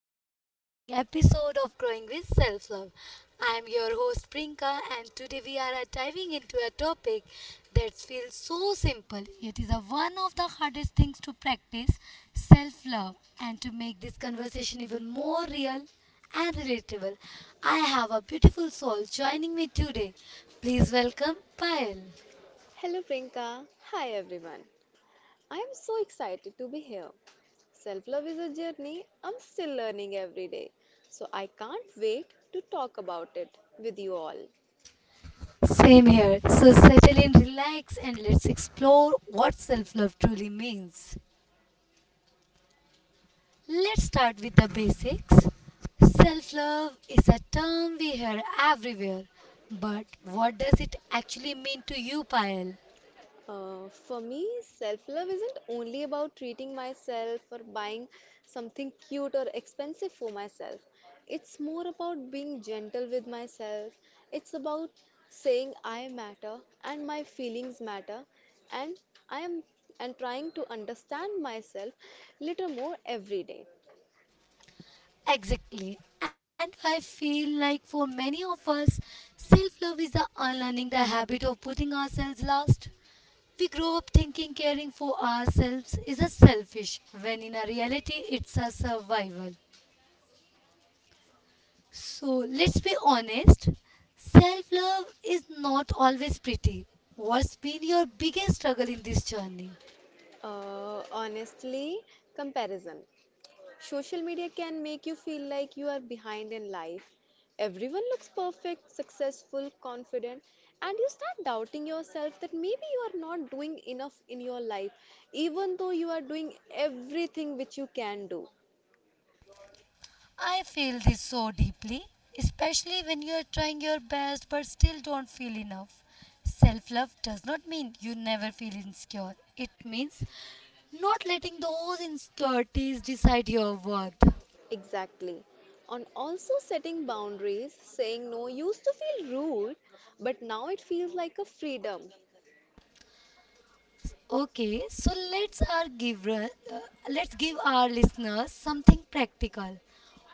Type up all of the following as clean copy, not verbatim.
another empowering episode of Growing with Self Love. I am your host Prinka, and today we are diving into a topic that feels so simple yet is a one of the hardest things to practice self love. And to make this conversation even more real and relatable, I have a beautiful soul joining me today. Please welcome Payal. Hello, Priyanka. Hi, everyone. I am so excited to be here. Self love is a journey I'm still learning every day, so I can't wait to talk about it with you all. Same here. So settle in, relax, and let's explore what self love truly means. Let's start with the basics. Self love is a term we hear everywhere, but what does it actually mean to you, Payal? For me, self love isn't only about treating myself or buying something cute or expensive for myself. It's more about being gentle with myself. It's about saying I matter and my feelings matter and I am and trying to understand myself little more every day. Exactly. And I feel like for many of us, self love is the unlearning the habit of putting ourselves last. We grow up thinking caring for ourselves is a selfish, when in a reality, it's a survival. So let's be honest, self love is not always pretty. What's been your biggest struggle in this journey? Honestly, comparison. Social media can make you feel like you are behind in life. Everyone looks perfect, successful, confident, and you start doubting yourself that maybe you are not doing enough in your life, even though you are doing everything which you can do. I feel this so deeply, especially when you are trying your best but still don't feel enough. Self love does not mean you never feel insecure, it means not letting those insecurities decide your worth. Exactly. On also setting boundaries, saying no used to feel rude, but now it feels like a freedom. Okay, so let's give our listeners something practical.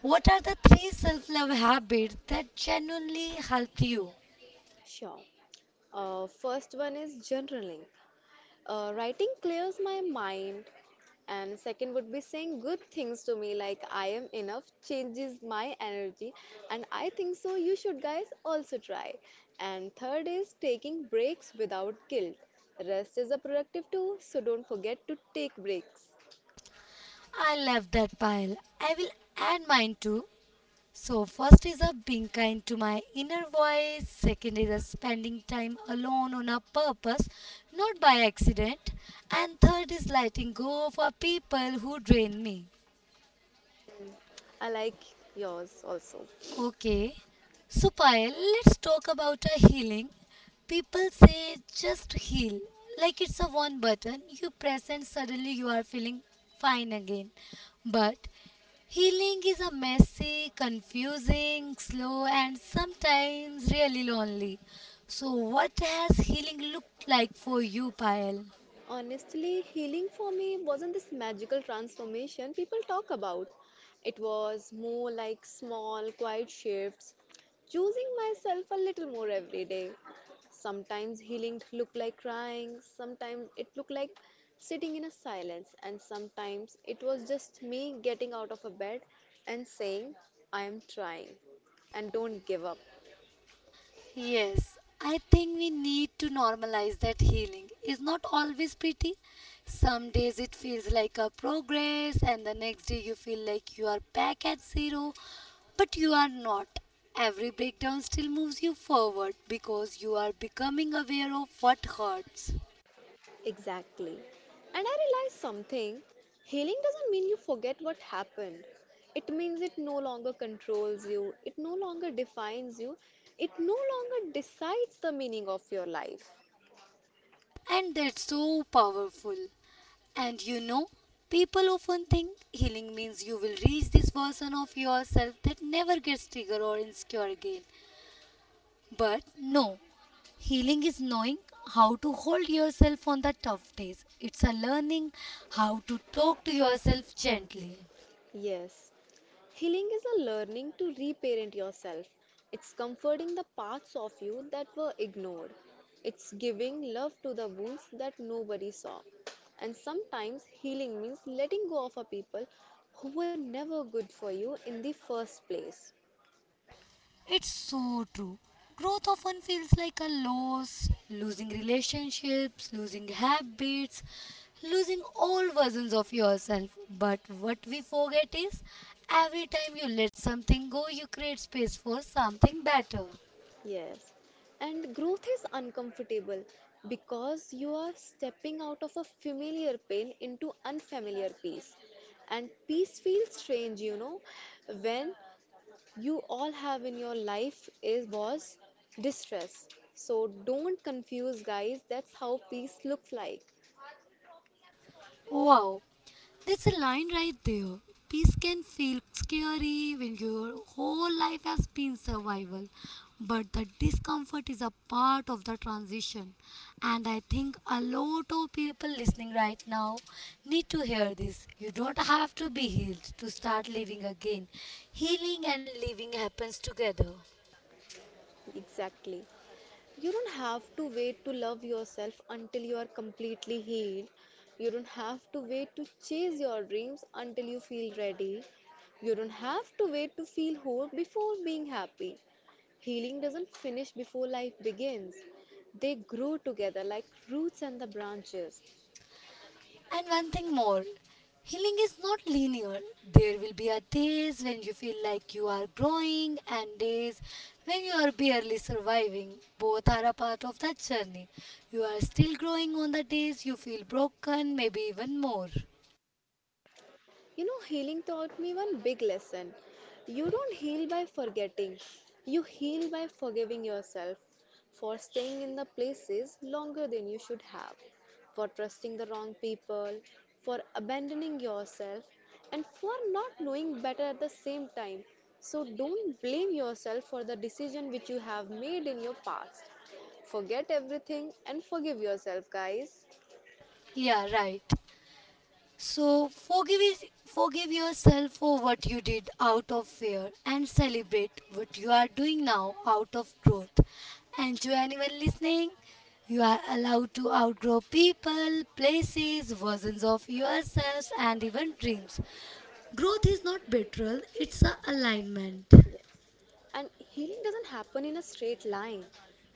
What are the three self love habits that genuinely helped you? Sure. First one is journaling. Writing clears my mind, and second would be saying good things to me like I am enough changes my energy, and I think so you should guys also try. And third is taking breaks without guilt. Rest is a productive too, so don't forget to take breaks. I love that pile. I will add mine too. So, first is a being kind to my inner voice, second is a spending time alone on a purpose, not by accident, and third is letting go of a people who drain me. I like yours also. Okay. So, Payal, let's talk about a healing. People say just heal, like it's a one button you press and suddenly you are feeling fine again. But healing is a messy, confusing, slow, and sometimes really lonely. So, what has healing looked like for you, Payal? Honestly, healing for me wasn't this magical transformation people talk about. It was more like small, quiet shifts, choosing myself a little more every day. Sometimes healing looked like crying, sometimes it looked like sitting in a silence, and sometimes it was just me getting out of a bed and saying, I am trying and don't give up. Yes, I think we need to normalize that healing is not always pretty. Some days it feels like a progress, and the next day you feel like you are back at zero, but you are not. Every breakdown still moves you forward because you are becoming aware of what hurts. Exactly. And I realized something, healing doesn't mean you forget what happened. It means it no longer controls you, it no longer defines you, it no longer decides the meaning of your life. And that's so powerful. And you know, people often think healing means you will reach this version of yourself that never gets triggered or insecure again. But no, healing is knowing how to hold yourself on the tough days. It's a learning how to talk to yourself gently. Yes. Healing is a learning to reparent yourself. It's comforting the parts of you that were ignored. It's giving love to the wounds that nobody saw. And sometimes healing means letting go of a people who were never good for you in the first place. It's so true. Growth often feels like a loss, losing relationships, losing habits, losing all versions of yourself. But what we forget is, every time you let something go, you create space for something better. Yes. And growth is uncomfortable because you are stepping out of a familiar pain into unfamiliar peace. And peace feels strange, you know, when you all have in your life is was distress. So don't confuse guys, that's how peace looks like. Wow, that's a line right there. Peace can feel scary when your whole life has been survival, but the discomfort is a part of the transition. And I think a lot of people listening right now need to hear this. You don't have to be healed to start living again. Healing and living happens together. Exactly. You don't have to wait to love yourself until you are completely healed. You don't have to wait to chase your dreams until you feel ready. You don't have to wait to feel whole before being happy. Healing doesn't finish before life begins. They grow together like roots and the branches. And one thing more, healing is not linear. There will be a days when you feel like you are growing and days when you are barely surviving. Both are a part of that journey. You are still growing on the days you feel broken, maybe even more. You know, healing taught me one big lesson. You don't heal by forgetting, you heal by forgiving yourself for staying in the places longer than you should have, for trusting the wrong people, for abandoning yourself, and for not knowing better at the same time. So don't blame yourself for the decision which you have made in your past. Forget everything and forgive yourself, guys. Yeah, right. So forgive yourself for what you did out of fear and celebrate what you are doing now out of growth. And to anyone listening, you are allowed to outgrow people, places, versions of yourselves and even dreams. Growth is not betrayal, it's a alignment. And healing doesn't happen in a straight line,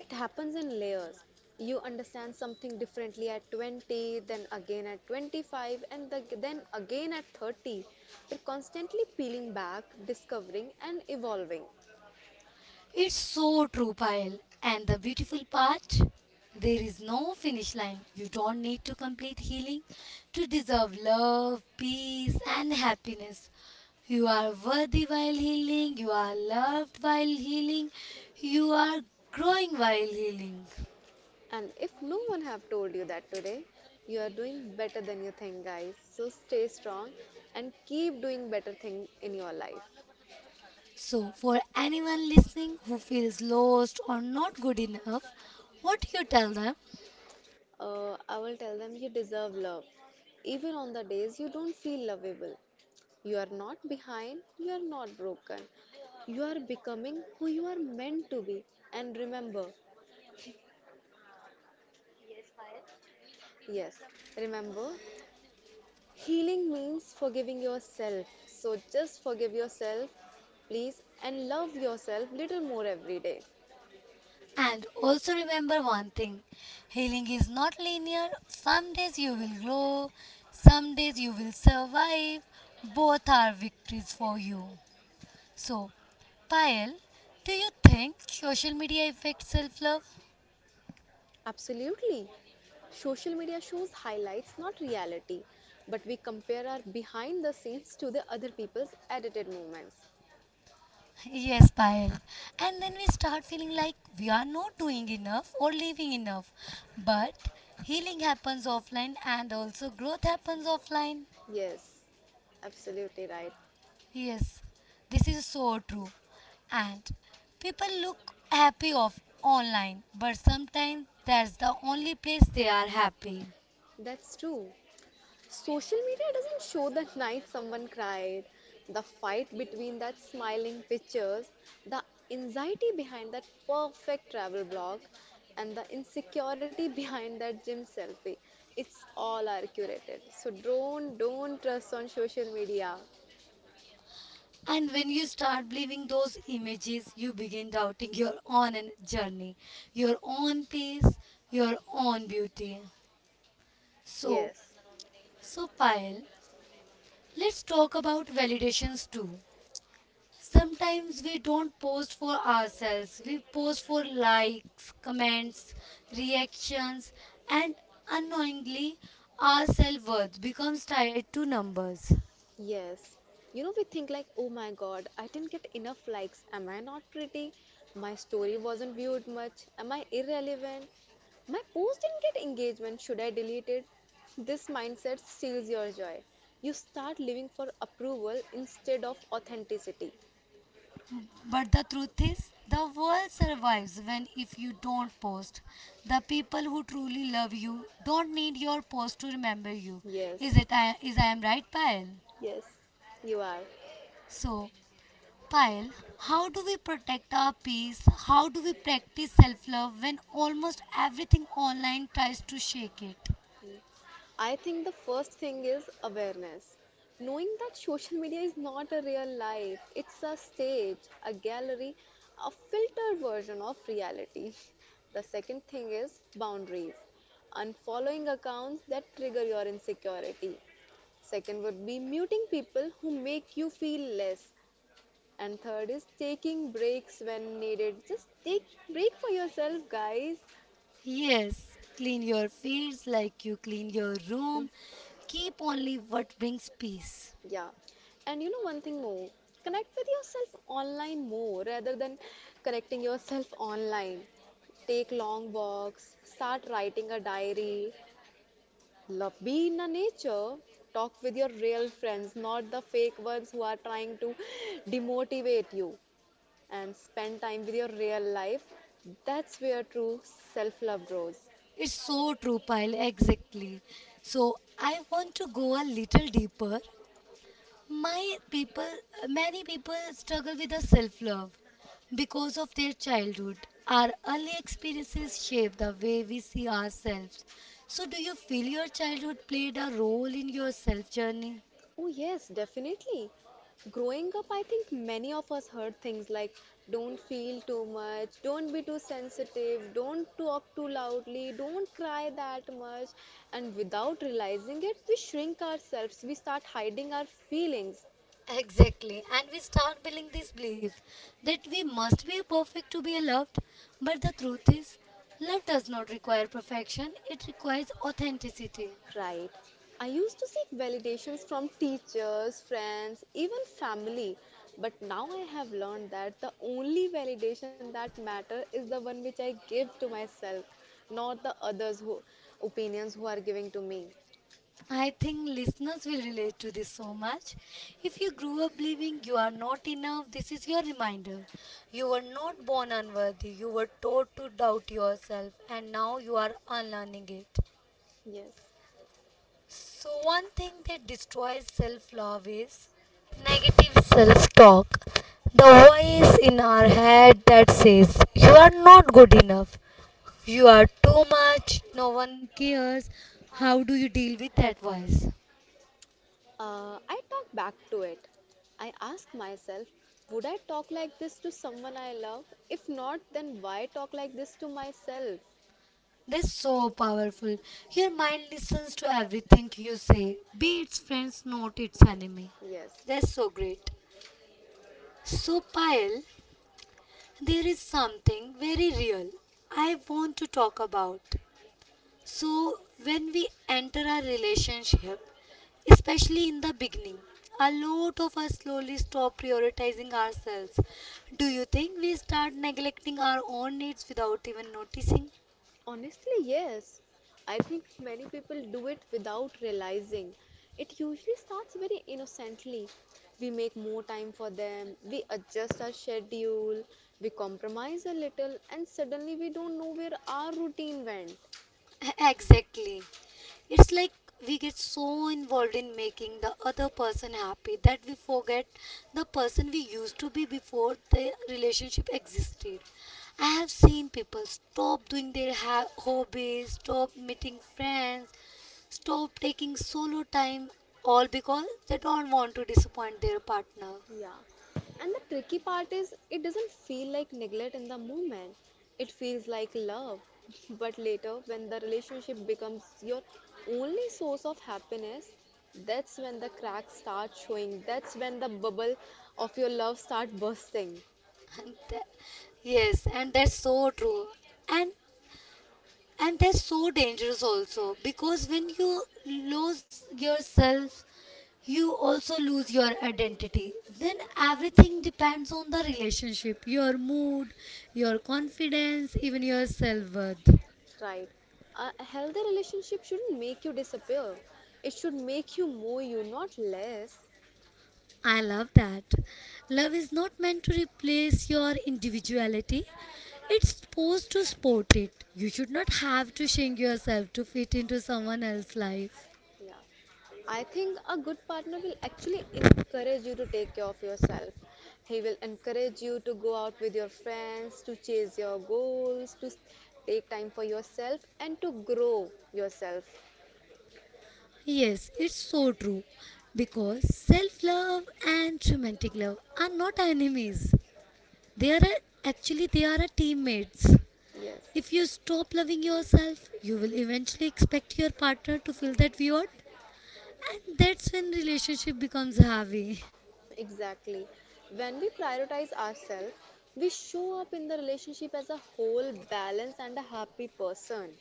it happens in layers. You understand something differently at 20, then again at 25, and then again at 30. You're constantly peeling back, discovering, and evolving. It's so true, Payal. And the beautiful part, there is no finish line. You don't need to complete healing to deserve love, peace, and happiness. You are worthy while healing, you are loved while healing, you are growing while healing. And if no one have told you that today, you are doing better than you think, guys. So stay strong and keep doing better things in your life. So, for anyone listening who feels lost or not good enough, what you tell them? I will tell them you deserve love even on the days you don't feel lovable. You are not behind, you are not broken. You are becoming who you are meant to be. And remember, yes, remember, healing means forgiving yourself. So just forgive yourself, please, and love yourself little more every day. And also remember one thing, healing is not linear. Some days you will grow, some days you will survive. Both are victories for you. So, Payal, do you think social media affects self love? Absolutely. Social media shows highlights, not reality. But we compare our behind the scenes to the other people's edited moments. Yes, Payal. And then we start feeling like we are not doing enough or living enough. But healing happens offline and also growth happens offline. Yes, absolutely right. Yes, this is so true. And people look happy off online, but sometimes that's the only place they are happy. That's true. Social media doesn't show the night someone cried, the fight between that smiling pictures, the anxiety behind that perfect travel blog, and the insecurity behind that gym selfie. It's all are curated. So don't trust on social media. And when you start believing those images, you begin doubting your own en- journey, your own pace, your own beauty. So, Yes. so Payal, let's talk about validations too. Sometimes we don't post for ourselves, we post for likes, comments, reactions, and unknowingly our self worth becomes tied to numbers. Yes. You know, we think like, oh my god, I didn't get enough likes. Am I not pretty? My story wasn't viewed much. Am I irrelevant? My post didn't get engagement. Should I delete it? This mindset steals your joy. You start living for approval instead of authenticity. But the truth is, the world survives when if you don't post. The people who truly love you don't need your post to remember you. Yes. Is I am right, Payal? Yes, you are. So Payal, how do we protect our peace? How do we practice self love when almost everything online tries to shake it? Mm. I think the first thing is awareness. Knowing that social media is not a real life, it's a stage, a gallery, a filtered version of reality. The second thing is boundaries. Unfollowing accounts that trigger your insecurity. Second would be muting people who make you feel less. And third is taking breaks when needed. Just take break for yourself, guys. Yes, clean your feeds like you clean your room. Keep only what brings peace. Yeah. And you know one thing more, connect with yourself online more rather than connecting yourself online. Take long walks, start writing a diary, love be in the nature, talk with your real friends, not the fake ones who are trying to demotivate you, and spend time with your real life. That's where true self-love grows. It's so true, Payal, exactly. So, I want to go a little deeper. My people, many people struggle with the self love because of their childhood. Our early experiences shape the way we see ourselves. So, do you feel your childhood played a role in your self journey? Oh, yes, definitely. Growing up, I think many of us heard things like don't feel too much, don't be too sensitive, don't talk too loudly, don't cry that much. And without realizing it, we shrink ourselves, we start hiding our feelings. Exactly, and we start building this belief that we must be perfect to be loved. But the truth is, love does not require perfection, it requires authenticity. Right. I used to seek validations from teachers, friends, even family. But now I have learned that the only validation that matters is the one which I give to myself, not the others who opinions who are giving to me. I think listeners will relate to this so much. If you grew up believing you are not enough, this is your reminder. You were not born unworthy, you were taught to doubt yourself, and now you are unlearning it. Yes. So, one thing that destroys self love is negative self talk. The voice in our head that says, "You are not good enough, you are too much, no one cares." How do you deal with that voice? I talk back to it. I ask myself, would I talk like this to someone I love? If not, then why talk like this to myself? That's so powerful. Your mind listens to everything you say, be its friends, not its enemy. Yes. That's so great. So, Payal, there is something very real I want to talk about. So, when we enter a relationship, especially in the beginning, a lot of us slowly stop prioritizing ourselves. Do you think we start neglecting our own needs without even noticing? Honestly, yes. I think many people do it without realizing. It usually starts very innocently. We make more time for them, we adjust our schedule, we compromise a little, and suddenly we don't know where our routine went. Exactly. It's like we get so involved in making the other person happy that we forget the person we used to be before the relationship existed. I have seen people stop doing their ha- hobbies, stop meeting friends, stop taking solo time, all because they don't want to disappoint their partner. Yeah. And the tricky part is it doesn't feel like neglect in the moment. It feels like love. But later, when the relationship becomes your only source of happiness, that's when the cracks start showing. That's when the bubble of your love start bursting. And that- yes, and that's so true. And that's so dangerous also, because when you lose yourself you also lose your identity, then everything depends on the relationship, your mood, your confidence, even your self-worth. Right. A healthy relationship shouldn't make you disappear. It should make you more you, not less. I love that. Love is not meant to replace your individuality, it's supposed to support it. You should not have to shrink yourself to fit into someone else's life. Yeah. I think a good partner will actually encourage you to take care of yourself. He will encourage you to go out with your friends, to chase your goals, to take time for yourself, and to grow yourself. Yes, it's so true. Because self love and romantic love are not enemies. Actually they are a teammates. Yes. If you stop loving yourself, you will eventually expect your partner to feel that void, and that's when relationship becomes heavy. Exactly. When we prioritize ourselves, we show up in the relationship as a whole, balanced, and a happy person,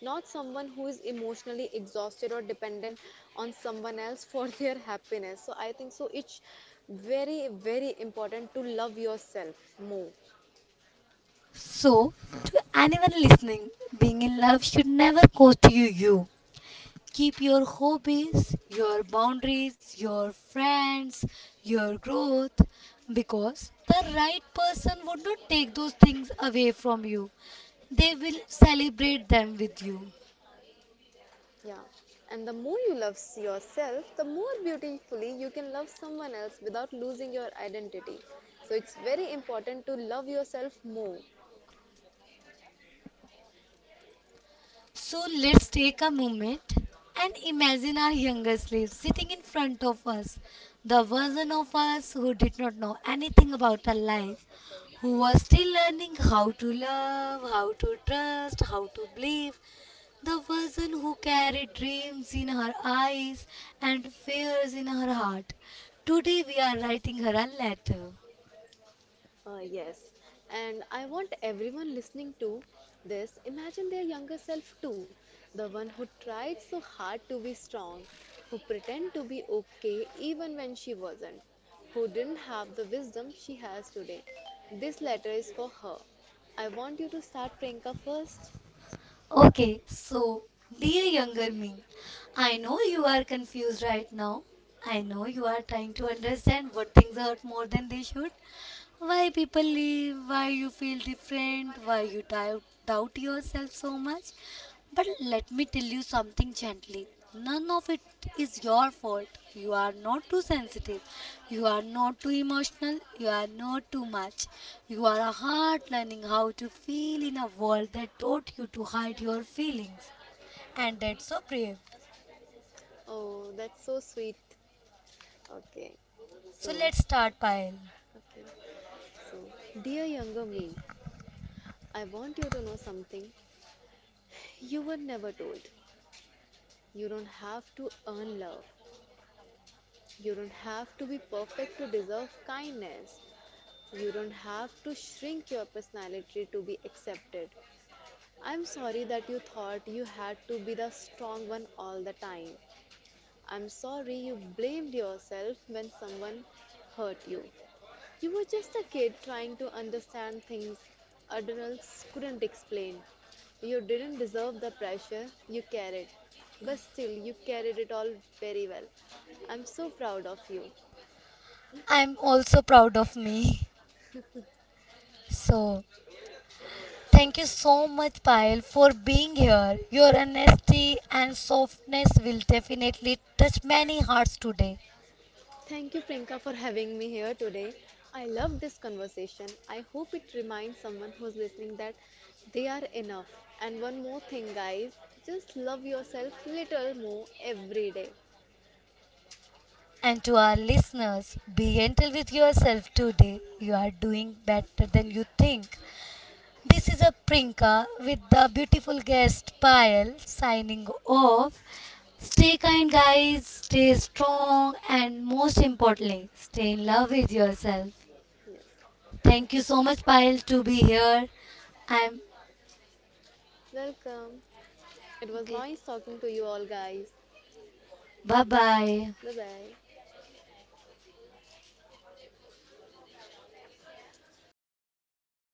not someone who is emotionally exhausted or dependent on someone else for their happiness. So I think so. It's very, very important to love yourself more. So, to anyone listening, being in love should never cost you you. Keep your hobbies, your boundaries, your friends, your growth, because the right person would not take those things away from you. They will celebrate them with you. Yeah. And the more you love yourself, the more beautifully you can love someone else without losing your identity. So it's very important to love yourself more. So let's take a moment and imagine our younger slaves sitting in front of us, the version of us who did not know anything about our life, who was still learning how to love, how to trust, how to believe, the version who carried dreams in her eyes and fears in her heart. Today we are writing her a letter. Yes. And I want everyone listening to this imagine their younger self too, the one who tried so hard to be strong, who pretended to be okay even when she wasn't, who didn't have the wisdom she has today. This letter is for her. I want you to start, Priyanka, first. Okay, so dear younger me, I know you are confused right now. I know you are trying to understand what things hurt more than they should, why people leave, why you feel different, why you doubt yourself so much. But let me tell you something gently. None of it is your fault. You are not too sensitive. You are not too emotional. You are not too much. You are a heart learning how to feel in a world that taught you to hide your feelings. And that's so brave. Oh, that's so sweet. Okay. So So, let's start, Payal. okay. So, Dear younger me, I want you to know something you were never told. You don't have to earn love. You don't have to be perfect to deserve kindness. You don't have to shrink your personality to be accepted. I'm sorry that you thought you had to be the strong one all the time. I'm sorry you blamed yourself when someone hurt you. You were just a kid trying to understand things adults couldn't explain. You didn't deserve the pressure you carried, but still, you carried it all very well. I'm so proud of you. I'm also proud of me. So thank you so much, Payal, for being here. Your honesty and softness will definitely touch many hearts today. Thank you, Prinka, for having me here today. I love this conversation. I hope it reminds someone who's listening that they are enough. And one more thing, guys, just love yourself little more every day. And to our listeners, be gentle with yourself today. You are doing better than you think. This is a Prinka with the beautiful guest Payal signing off. Stay kind, guys. Stay strong, and most importantly, stay in love with yourself. Yes. Thank you so much, Payal, to be here. I'm Welcome. It was okay. nice talking to you all, guys. Bye bye. Bye bye.